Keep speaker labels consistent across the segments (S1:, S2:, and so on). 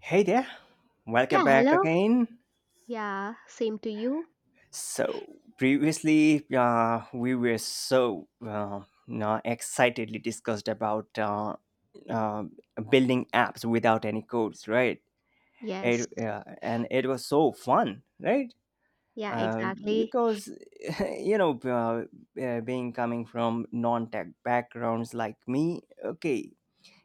S1: Hey there, welcome
S2: Yeah,
S1: back
S2: hello.
S1: again.
S2: Yeah, same to you.
S1: So previously, we were excitedly discussed about uh, building apps without any codes, right?
S2: Yes.
S1: And it was so fun, right?
S2: Yeah,
S1: Uh,
S2: exactly.
S1: because being coming from non-tech backgrounds like me, okay,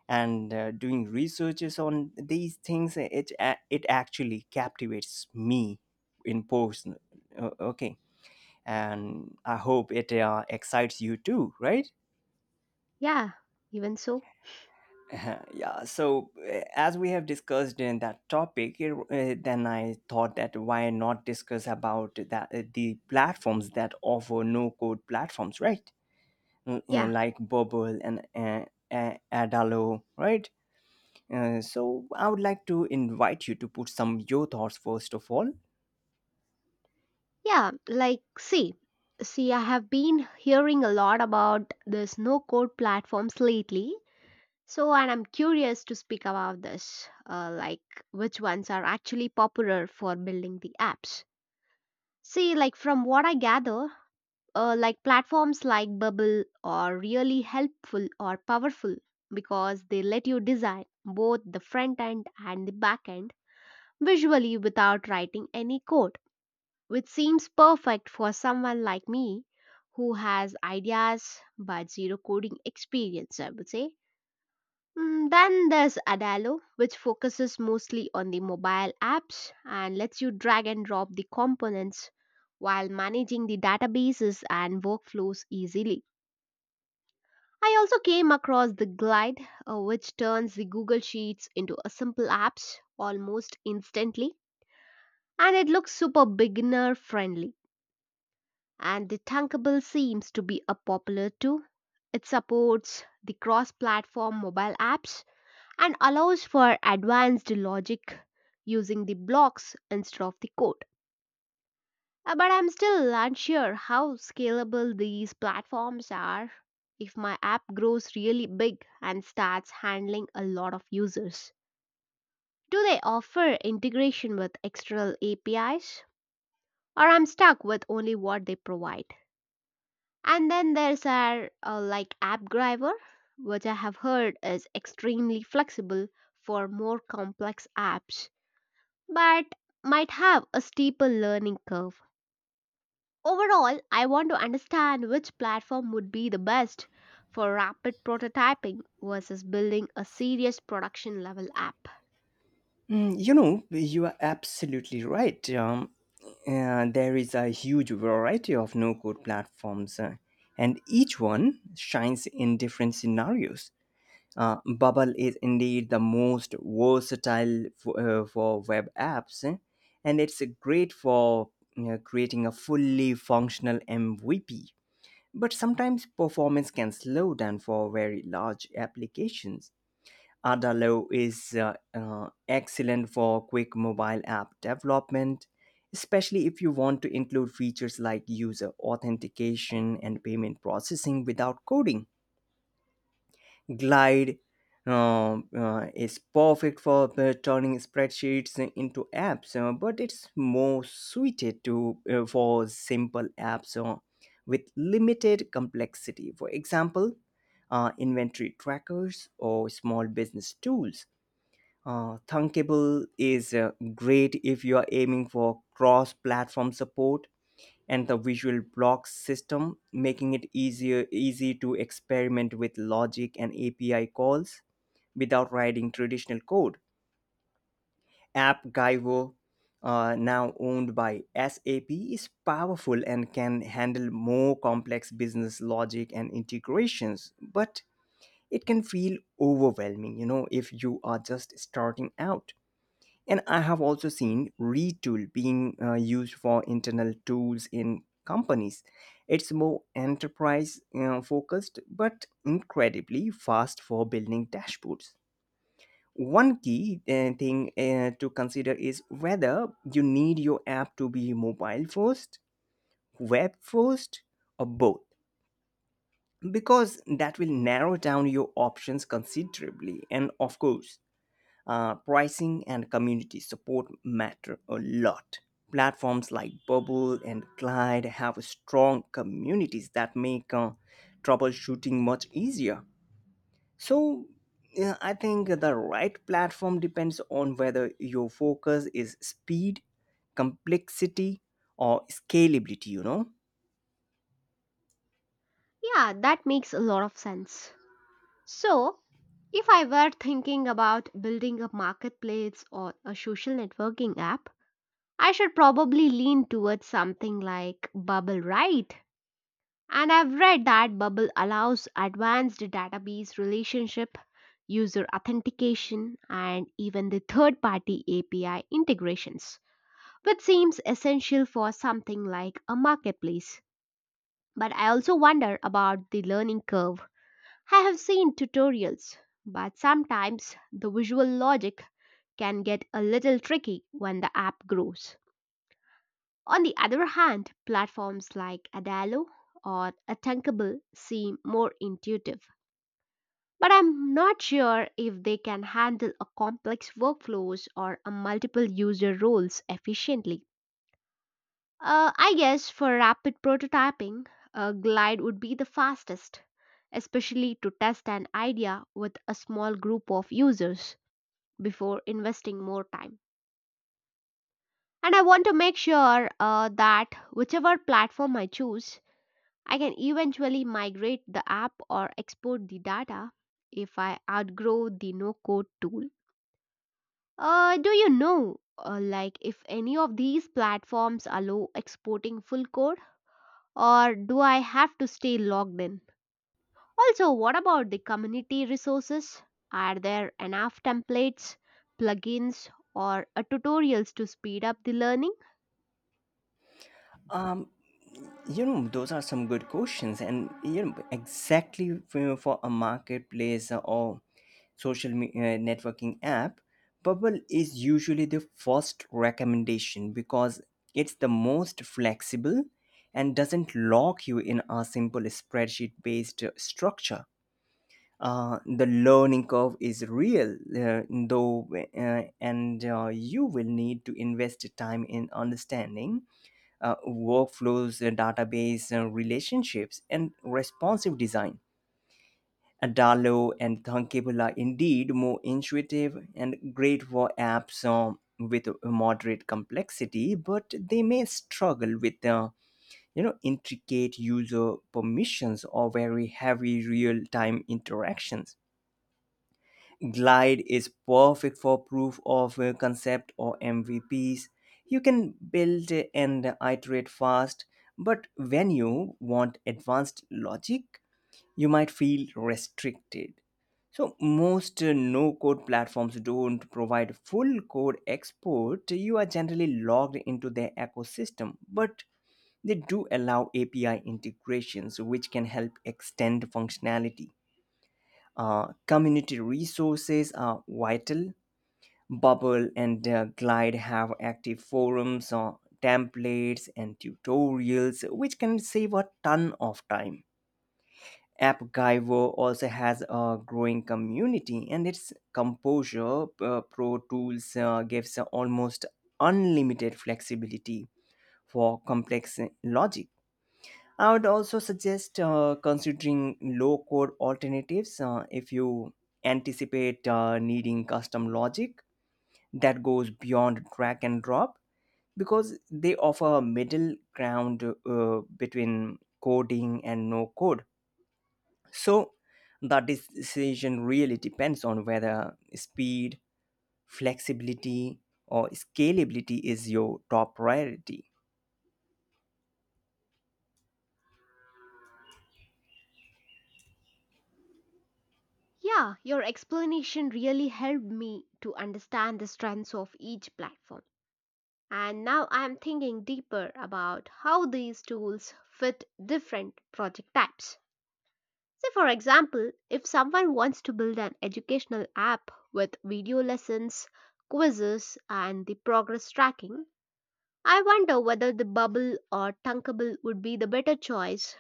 S1: and doing researches on these things it actually captivates me in person. Okay, and I hope it excites you too, right?
S2: Yeah, even so.
S1: Yeah, so as we have discussed in that topic, then I thought that why not discuss about that the platforms that offer no code platforms, right?
S2: Yeah.
S1: Like bubble and uh, adalo, right? So I would like to invite you to put some your thoughts first of all.
S2: Yeah, like, see. See, I have been hearing a lot about this no code platforms lately. So, and I'm curious to speak about this, like which ones are actually popular for building the apps. See, like from what I gather, like platforms like Bubble are really helpful or powerful because they let you design both the front end and the back end visually without writing any code, which seems perfect for someone like me who has ideas but zero coding experience, I would say. Then there's Adalo, which focuses mostly on the mobile apps and lets you drag and drop the components while managing the databases and workflows easily. I also came across the Glide, which turns the Google Sheets into a simple apps almost instantly, and it looks super beginner friendly. And the Tunkable seems to be a popular too. It supports the cross-platform mobile apps and allows for advanced logic using the blocks instead of the code. But I'm still unsure how scalable these platforms are if my app grows really big and starts handling a lot of users. Do they offer integration with external APIs? Or I'm stuck with only what they provide. And then there's our like AppDriver, which I have heard is extremely flexible for more complex apps, but might have a steeper learning curve. Overall, I want to understand which platform would be the best for rapid prototyping versus building a serious production level app.
S1: You know, you are absolutely right. There is a huge variety of no code platforms, and each one shines in different scenarios. Bubble is indeed the most versatile for web apps, and it's great for, you know, creating a fully functional MVP. But sometimes performance can slow down for very large applications. Ada is excellent for quick mobile app development, especially if you want to include features like user authentication and payment processing without coding. Glide is perfect for turning spreadsheets into apps, but it's more suited to for simple apps with limited complexity. For example, inventory trackers or small business tools. Thunkable is great if you are aiming for cross-platform support and the visual blocks system, making it easier easy to experiment with logic and API calls without writing traditional code. App, now owned by SAP, is powerful and can handle more complex business logic and integrations, but it can feel overwhelming, you know, if you are just starting out. And I have also seen retool being used for internal tools in companies. It's more enterprise focused, but incredibly fast for building dashboards. One key thing to consider is whether you need your app to be mobile first, web first, or both, because that will narrow down your options considerably. And of course, pricing and community support matter a lot. Platforms like Bubble and Glide have strong communities that make troubleshooting much easier. So, yeah, I think the right platform depends on whether your focus is speed, complexity, or scalability, you know.
S2: Yeah, that makes a lot of sense. So, if I were thinking about building a marketplace or a social networking app, I should probably lean towards something like Bubble, right? And I've read that Bubble allows advanced database relationship, user authentication, and even the third party API integrations, which seems essential for something like a marketplace. But I also wonder about the learning curve. I have seen tutorials, but sometimes the visual logic can get a little tricky when the app grows. On the other hand, platforms like Adalo or Attackable seem more intuitive. But I'm not sure if they can handle a complex workflows or a multiple user roles efficiently. I guess for rapid prototyping, Glide would be the fastest, especially to test an idea with a small group of users before investing more time. And I want to make sure that whichever platform I choose, I can eventually migrate the app or export the data if I outgrow the no code tool. Do you know, like, if any of these platforms allow exporting full code, or do I have to stay logged in? Also, what about the community resources? Are there enough templates, plugins, or tutorials to speed up the learning?
S1: Um, you know, those are some good questions, and you know exactly for a marketplace or networking app, bubble is usually the first recommendation because it's the most flexible and doesn't lock you in a simple spreadsheet based structure. The learning curve is real, though, and you will need to invest time in understanding workflows, database relationships, and responsive design. Adalo and Thunkable are indeed more intuitive and great for apps with moderate complexity, but they may struggle with, you know, intricate user permissions or very heavy real-time interactions. Glide is perfect for proof of concept or MVPs. You can build and iterate fast, but when you want advanced logic, you might feel restricted. So, most no code platforms don't provide full code export. You are generally logged into their ecosystem, but they do allow API integrations, which can help extend functionality. Community resources are vital. Bubble and Glide have active forums, templates, and tutorials, which can save a ton of time. AppGyver also has a growing community, and its Composure Pro Tools gives almost unlimited flexibility for complex logic. I would also suggest considering low code alternatives if you anticipate needing custom logic that goes beyond drag and drop, because they offer a middle ground between coding and no code. So the decision really depends on whether speed, flexibility, or scalability is your top priority.
S2: Yeah, your explanation really helped me to understand the strengths of each platform. And now I am thinking deeper about how these tools fit different project types. Say, for example, if someone wants to build an educational app with video lessons, quizzes, and the progress tracking, I wonder whether the bubble or tunkable would be the better choice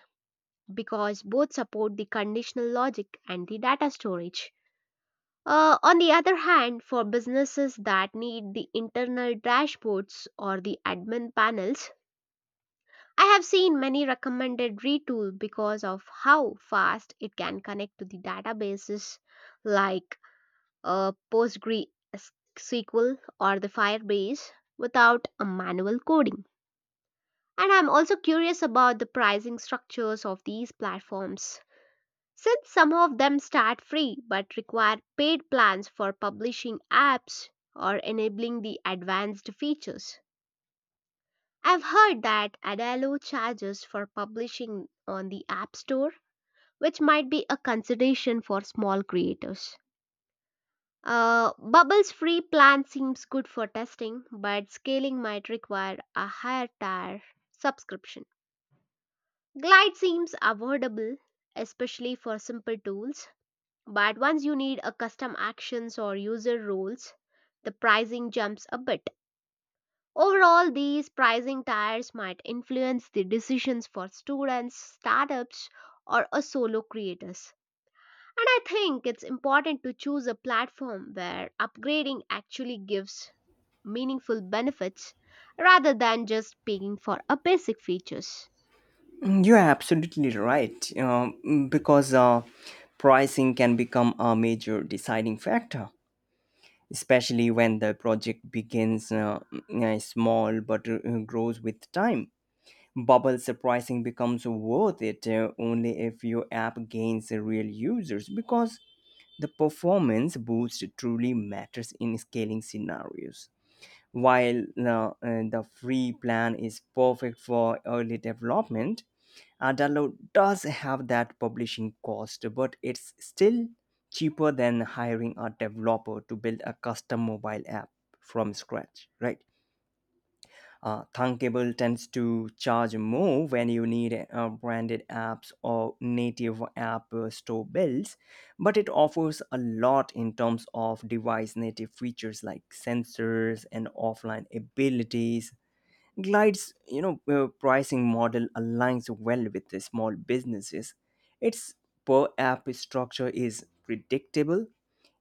S2: because both support the conditional logic and the data storage. On the other hand, for businesses that need the internal dashboards or the admin panels, I have seen many recommended retool because of how fast it can connect to the databases like PostgreSQL or the Firebase without a manual coding. And I'm also curious about the pricing structures of these platforms. Since some of them start free but require paid plans for publishing apps or enabling the advanced features. I've heard that Adalo charges for publishing on the App Store, which might be a consideration for small creators. Bubble's free plan seems good for testing, but scaling might require a higher tier subscription. Glide seems affordable, especially for simple tools, but once you need a custom actions or user roles, the pricing jumps a bit. Overall, these pricing tiers might influence the decisions for students, startups, or a solo creators. And I think it's important to choose a platform where upgrading actually gives meaningful benefits rather than just paying for a basic features.
S1: You're absolutely right, because pricing can become a major deciding factor, especially when the project begins small but grows with time. Bubble pricing becomes worth it only if your app gains real users, because the performance boost truly matters in scaling scenarios. While the free plan is perfect for early development, Download does have that publishing cost, but it's still cheaper than hiring a developer to build a custom mobile app from scratch, right? Thunkable tends to charge more when you need branded apps or native app store builds, but it offers a lot in terms of device native features like sensors and offline abilities. Glide's, pricing model aligns well with the small businesses. Its per app structure is predictable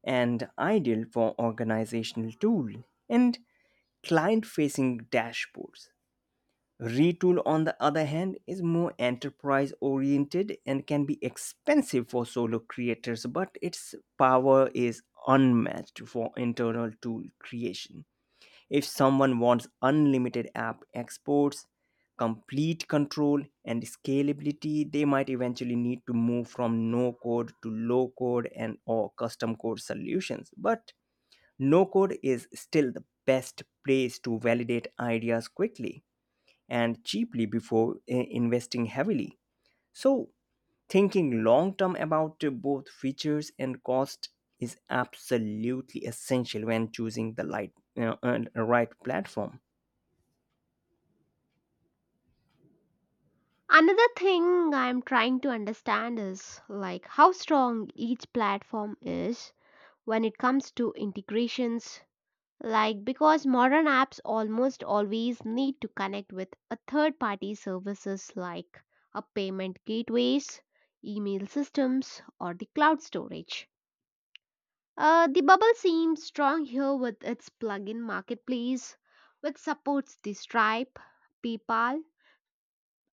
S1: and ideal for organizational tool and client facing dashboards. Retool, on the other hand, is more enterprise oriented and can be expensive for solo creators, but its power is unmatched for internal tool creation. If someone wants unlimited app exports, complete control, and scalability, they might eventually need to move from no code to low code and or custom code solutions. But no code is still the best place to validate ideas quickly and cheaply before investing heavily. So, thinking long term about, both features and cost is absolutely essential when choosing the right platform.
S2: Another thing I'm trying to understand is like how strong each platform is when it comes to integrations, like, because modern apps almost always need to connect with a third party services like a payment gateways, email systems, or the cloud storage. The bubble seems strong here with its plugin marketplace, which supports the Stripe, PayPal,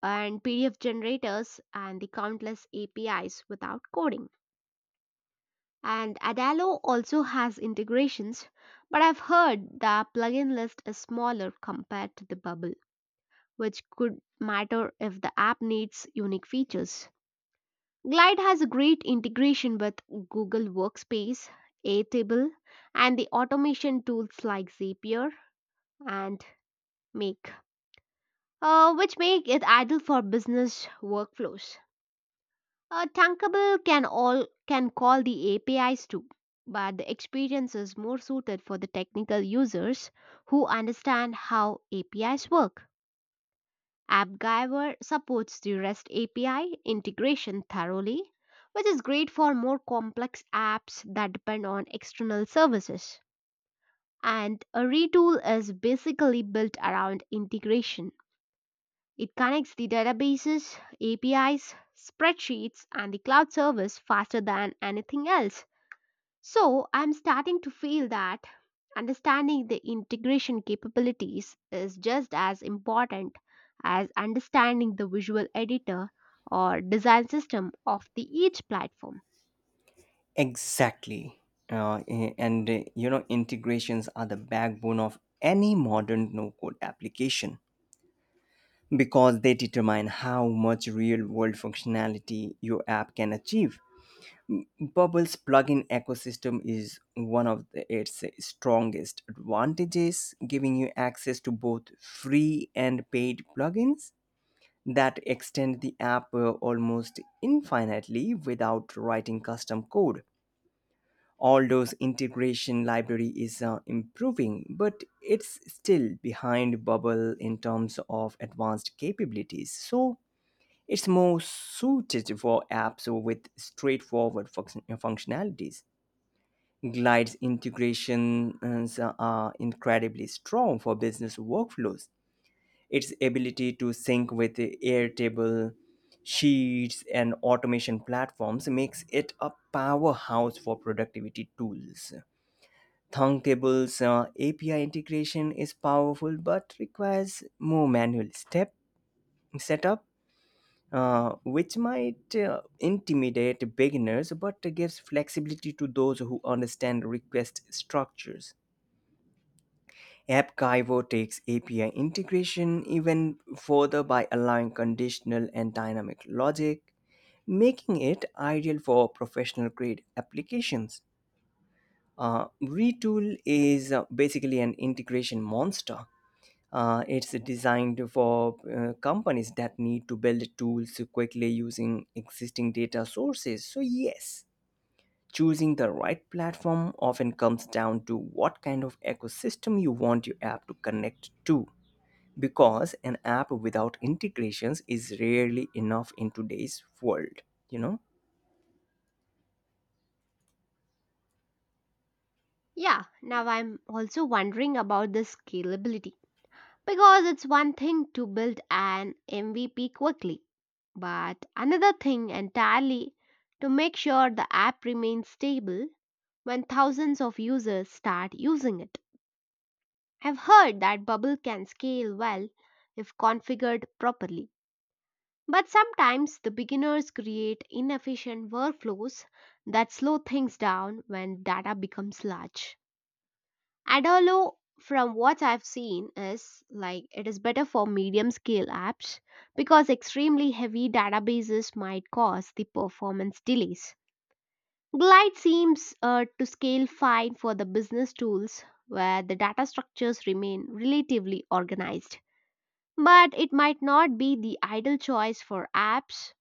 S2: and PDF generators and the countless APIs without coding. And Adalo also has integrations, but I've heard the plugin list is smaller compared to the Bubble, which could matter if the app needs unique features. Glide has a great integration with Google Workspace, Airtable, and the automation tools like Zapier and Make, which make it ideal for business workflows. Tankable can call the APIs too, but the experience is more suited for the technical users who understand how APIs work. AppGyver supports the REST API integration thoroughly, which is great for more complex apps that depend on external services. And a retool is basically built around integration, it connects the databases, APIs, spreadsheets, and the cloud service faster than anything else. So I'm starting to feel that understanding the integration capabilities is just as important as understanding the visual editor or design system of the each platform.
S1: Exactly. A- and you know, integrations are the backbone of any modern no code application because they determine how much real world functionality your app can achieve. Bubble's plugin ecosystem is one of the, its strongest advantages, giving you access to both free and paid plugins that extend the app almost infinitely without writing custom code. Although integration library is improving, but it's still behind Bubble in terms of advanced capabilities. So it's more suited for apps with straightforward functionalities. Glide's integrations are incredibly strong for business workflows. Its ability to sync with Airtable, Sheets, and automation platforms makes it a powerhouse for productivity tools. Thumbtable's API integration is powerful but requires more manual step setup, which might intimidate beginners but gives flexibility to those who understand request structures. AppGyvo takes API integration even further by allowing conditional and dynamic logic, making it ideal for professional grade applications. Retool is basically an integration monster. It's designed for companies that need to build tools quickly using existing data sources. So, yes, choosing the right platform often comes down to what kind of ecosystem you want your app to connect to. Because an app without integrations is rarely enough in today's world, you know?
S2: Yeah, now I'm also wondering about the scalability, because it's one thing to build an MVP quickly, but another thing entirely to make sure the app remains stable when thousands of users start using it. I've heard that Bubble can scale well if configured properly, but sometimes the beginners create inefficient workflows that slow things down when data becomes large. Adolo, from what I've seen, is like it is better for medium scale apps because extremely heavy databases might cause the performance delays. Glide seems to scale fine for the business tools where the data structures remain relatively organized. But it might not be the ideal choice for apps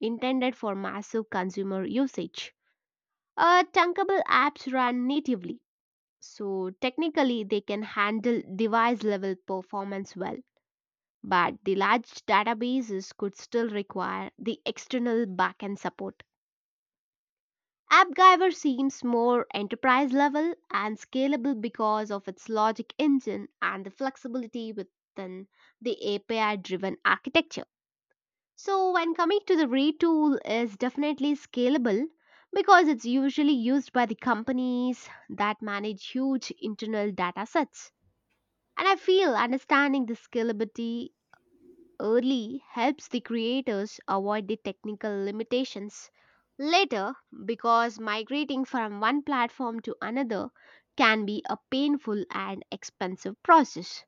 S2: intended for massive consumer usage. Chunkable apps run natively, so technically, they can handle device level performance well, but the large databases could still require the external backend support. AppGyver seems more enterprise level and scalable because of its logic engine and the flexibility within the API driven architecture. So, when coming to the retool, is definitely scalable because it's usually used by the companies that manage huge internal data sets. And I feel understanding the scalability early helps the creators avoid the technical limitations later because migrating from one platform to another can be a painful and expensive process.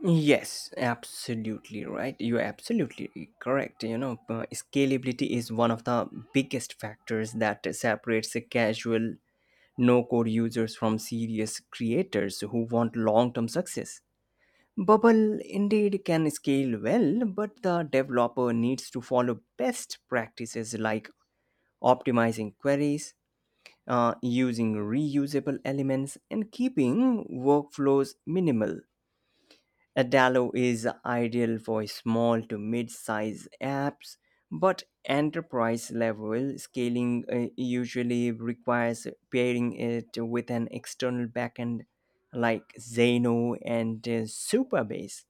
S1: Yes, absolutely right. You're absolutely correct. You know, scalability is one of the biggest factors that separates the casual no code users from serious creators who want long term success. Bubble indeed can scale well, but the developer needs to follow best practices like optimizing queries, using reusable elements, and keeping workflows minimal. Adalo is ideal for small to mid size apps, but enterprise level scaling usually requires pairing it with an external backend like Zeno and Superbase.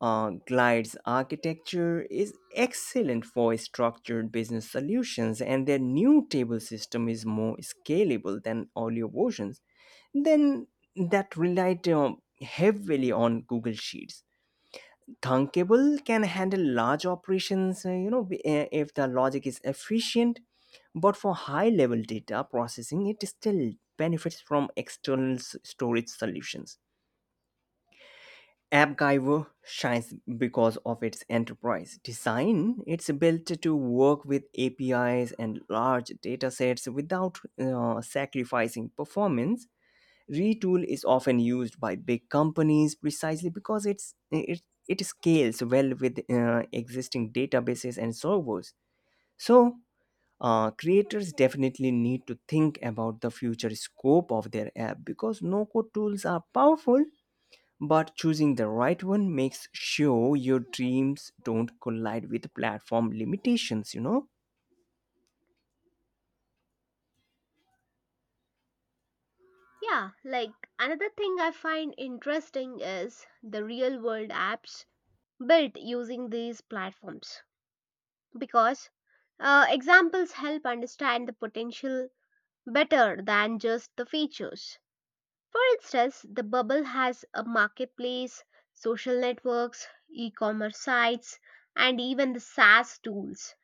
S1: Glide's architecture is excellent for structured business solutions, and their new table system is more scalable than earlier versions. Then that relied heavily on Google Sheets. Thunkable can handle large operations, if the logic is efficient, but for high level data processing, it still benefits from external storage solutions. AppGyver shines because of its enterprise design. It's built to work with APIs and large datasets without sacrificing performance. Retool is often used by big companies precisely because it scales well with existing databases and servers. So, creators definitely need to think about the future scope of their app, because no code tools are powerful, but choosing the right one makes sure your dreams don't collide with platform limitations, you know.
S2: Yeah, like another thing I find interesting is the real world apps built using these platforms because examples help understand the potential better than just the features. For instance, the bubble has a marketplace, social networks, e commerce sites, and even the SaaS tools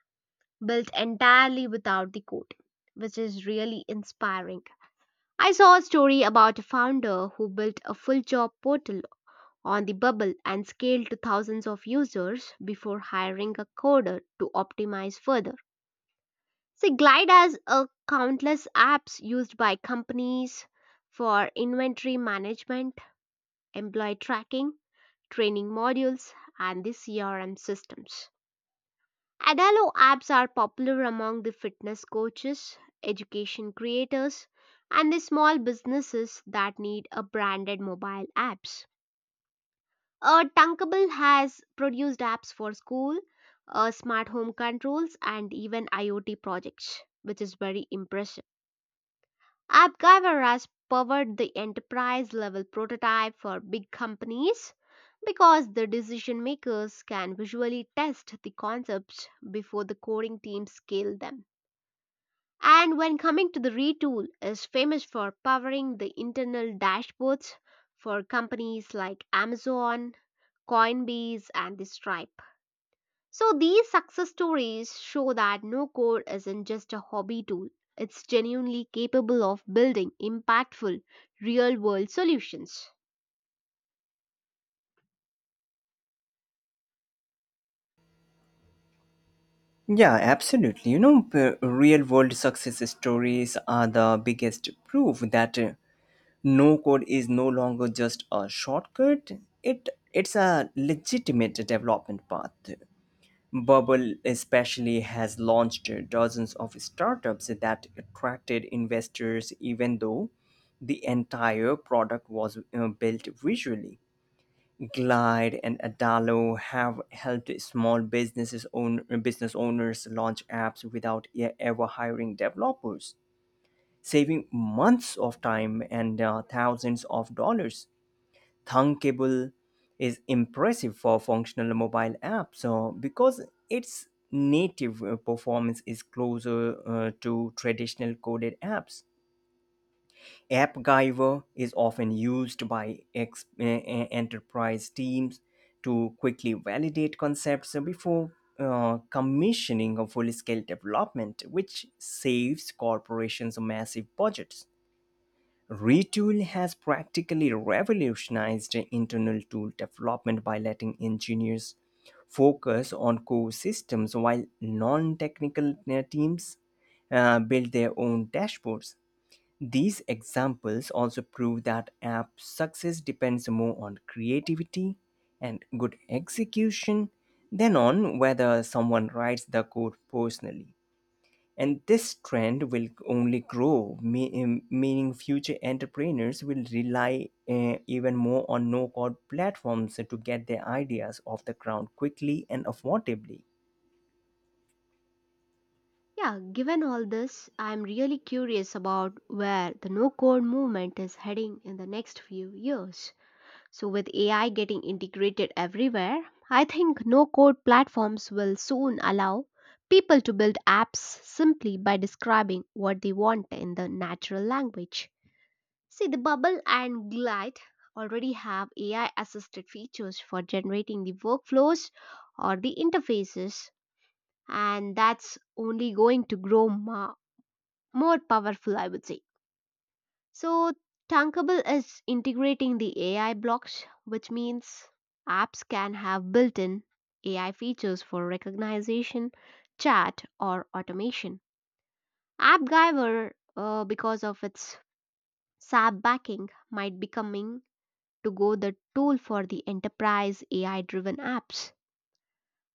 S2: built entirely without the code, which is really inspiring. I saw a story about a founder who built a full job portal on the bubble and scaled to thousands of users before hiring a coder to optimize further. See, Glide has a countless apps used by companies for inventory management, employee tracking, training modules, and the CRM systems. Adalo apps are popular among the fitness coaches, education creators, and the small businesses that need a branded mobile apps. Tunkable has produced apps for school, smart home controls, and even IoT projects, which is very impressive. AppGyver has powered the enterprise level prototype for big companies because the decision makers can visually test the concepts before the coding teams scale them. And when coming to the retool is famous for powering the internal dashboards for companies like Amazon, Coinbase and the Stripe. So these success stories show that no code isn't just a hobby tool. It's genuinely capable of building impactful real world solutions.
S1: Yeah, absolutely. You know, real world success stories are the biggest proof that, no code is no longer just a shortcut. It's a legitimate development path. Bubble especially has launched dozens of startups that attracted investors even though the entire product was built visually. Glide and adalo have helped small businesses own business owners launch apps without ever hiring developers, saving months of time and thousands of dollars. Thunkable is impressive for functional mobile app so because its native performance is closer to traditional coded apps. AppGyver is often used by enterprise teams to quickly validate concepts before commissioning a full scale development, which saves corporations massive budgets. Retool has practically revolutionized internal tool development by letting engineers focus on core systems while non technical teams build their own dashboards. These examples also prove that app success depends more on creativity and good execution than on whether someone writes the code personally. And this trend will only grow, meaning future entrepreneurs will rely even more on no code platforms to get their ideas off the ground quickly and affordably.
S2: Yeah, given all this, I'm really curious about where the no code movement is heading in the next few years. So, with AI getting integrated everywhere, I think no code platforms will soon allow people to build apps simply by describing what they want in the natural language. See, the Bubble and Glide already have AI assisted features for generating the workflows or the interfaces, and that's only going to grow more powerful, I would say. So, Tankable is integrating the AI blocks, which means apps can have built in AI features for recognition, chat, or automation. AppGyver, because of its SAP backing, might becoming to go the tool for the enterprise AI driven apps.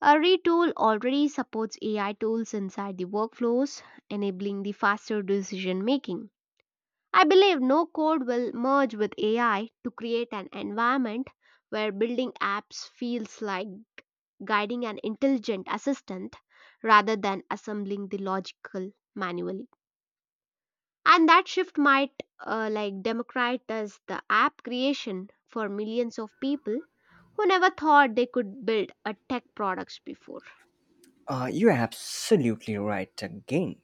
S2: A retool already supports AI tools inside the workflows, enabling the faster decision making. I believe no code will merge with AI to create an environment where building apps feels like guiding an intelligent assistant rather than assembling the logical manually. And that shift might like democratize the app creation for millions of people who never thought they could build a tech products before.
S1: You're absolutely right again.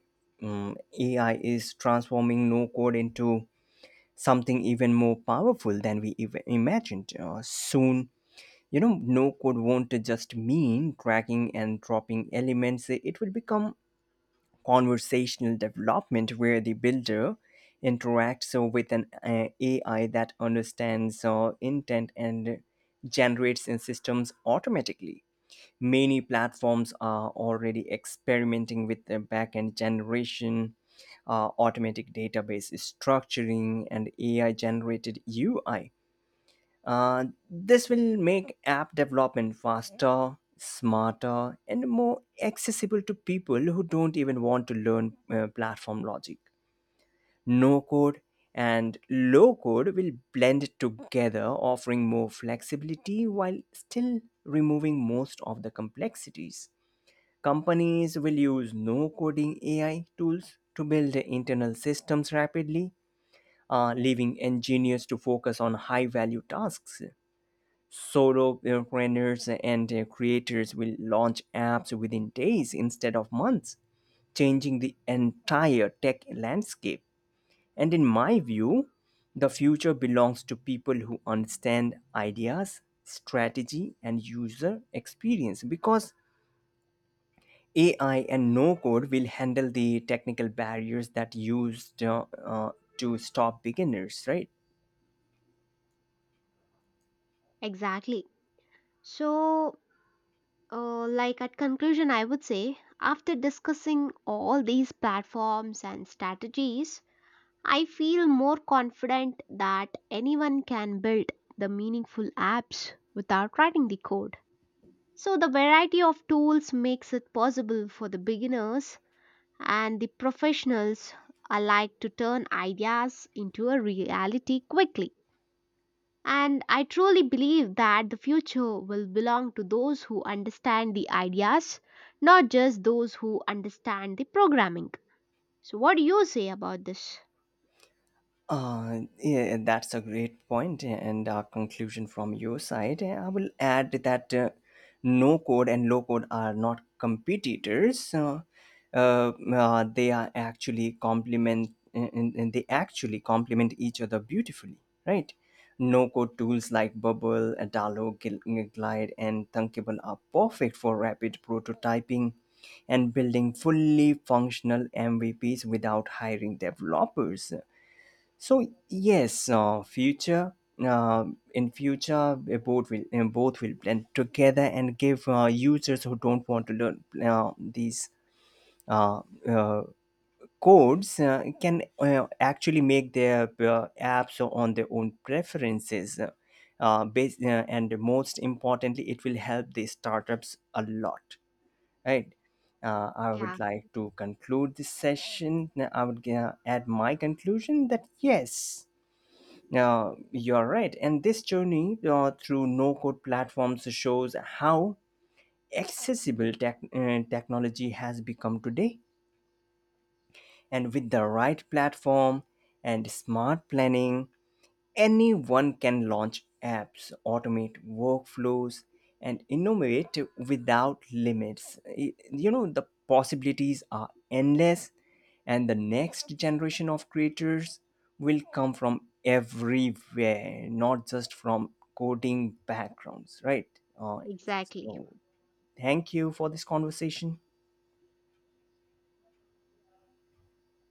S1: AI is transforming no code into something even more powerful than we even imagined. Soon, you know, no code won't just mean tracking and dropping elements, it will become conversational development where the builder interacts, with an AI that understands intent and generates in systems automatically. Many platforms are already experimenting with the backend generation, automatic database structuring, and AI generated UI. This will make app development faster, smarter, and more accessible to people who don't even want to learn platform logic. No code and low code will blend together, offering more flexibility while still removing most of the complexities. Companies will use no coding AI tools to build internal systems rapidly, leaving engineers to focus on high value tasks. Solopreneurs and creators will launch apps within days instead of months, changing the entire tech landscape. And in my view, the future belongs to people who understand ideas, strategy, and user experience because AI and no code will handle the technical barriers that used to stop beginners, right?
S2: Exactly. So, like at conclusion, I would say after discussing all these platforms and strategies, I feel more confident that anyone can build the meaningful apps without writing the code. So, the variety of tools makes it possible for the beginners and the professionals alike to turn ideas into a reality quickly. And I truly believe that the future will belong to those who understand the ideas, not just those who understand the programming. So, what do you say about this?
S1: Yeah, that's a great point and a conclusion from your side. I will add that, no code and low code are not competitors. They are actually complement And they actually complement each other beautifully, right? No code tools like Bubble, Adalo, Glide, and Thunkable are perfect for rapid prototyping and building fully functional MVPs without hiring developers. So yes, future uh, in future, both will blend together and give users who don't want to learn these uh, uh, codes can actually make their apps on their own preferences. Bas And most importantly, it will help the startups a lot, right? I would
S2: Yeah,
S1: like to conclude this session. I would add my conclusion that yes, you're right. And this journey through no code platforms shows how accessible technology has become today. And with the right platform and smart planning, anyone can launch apps, automate workflows, and innovate without limits. You know, the possibilities are endless, and the next generation of creators will come from everywhere, not just from coding backgrounds, right? Uh,
S2: exactly.
S1: so, thank you for this conversation.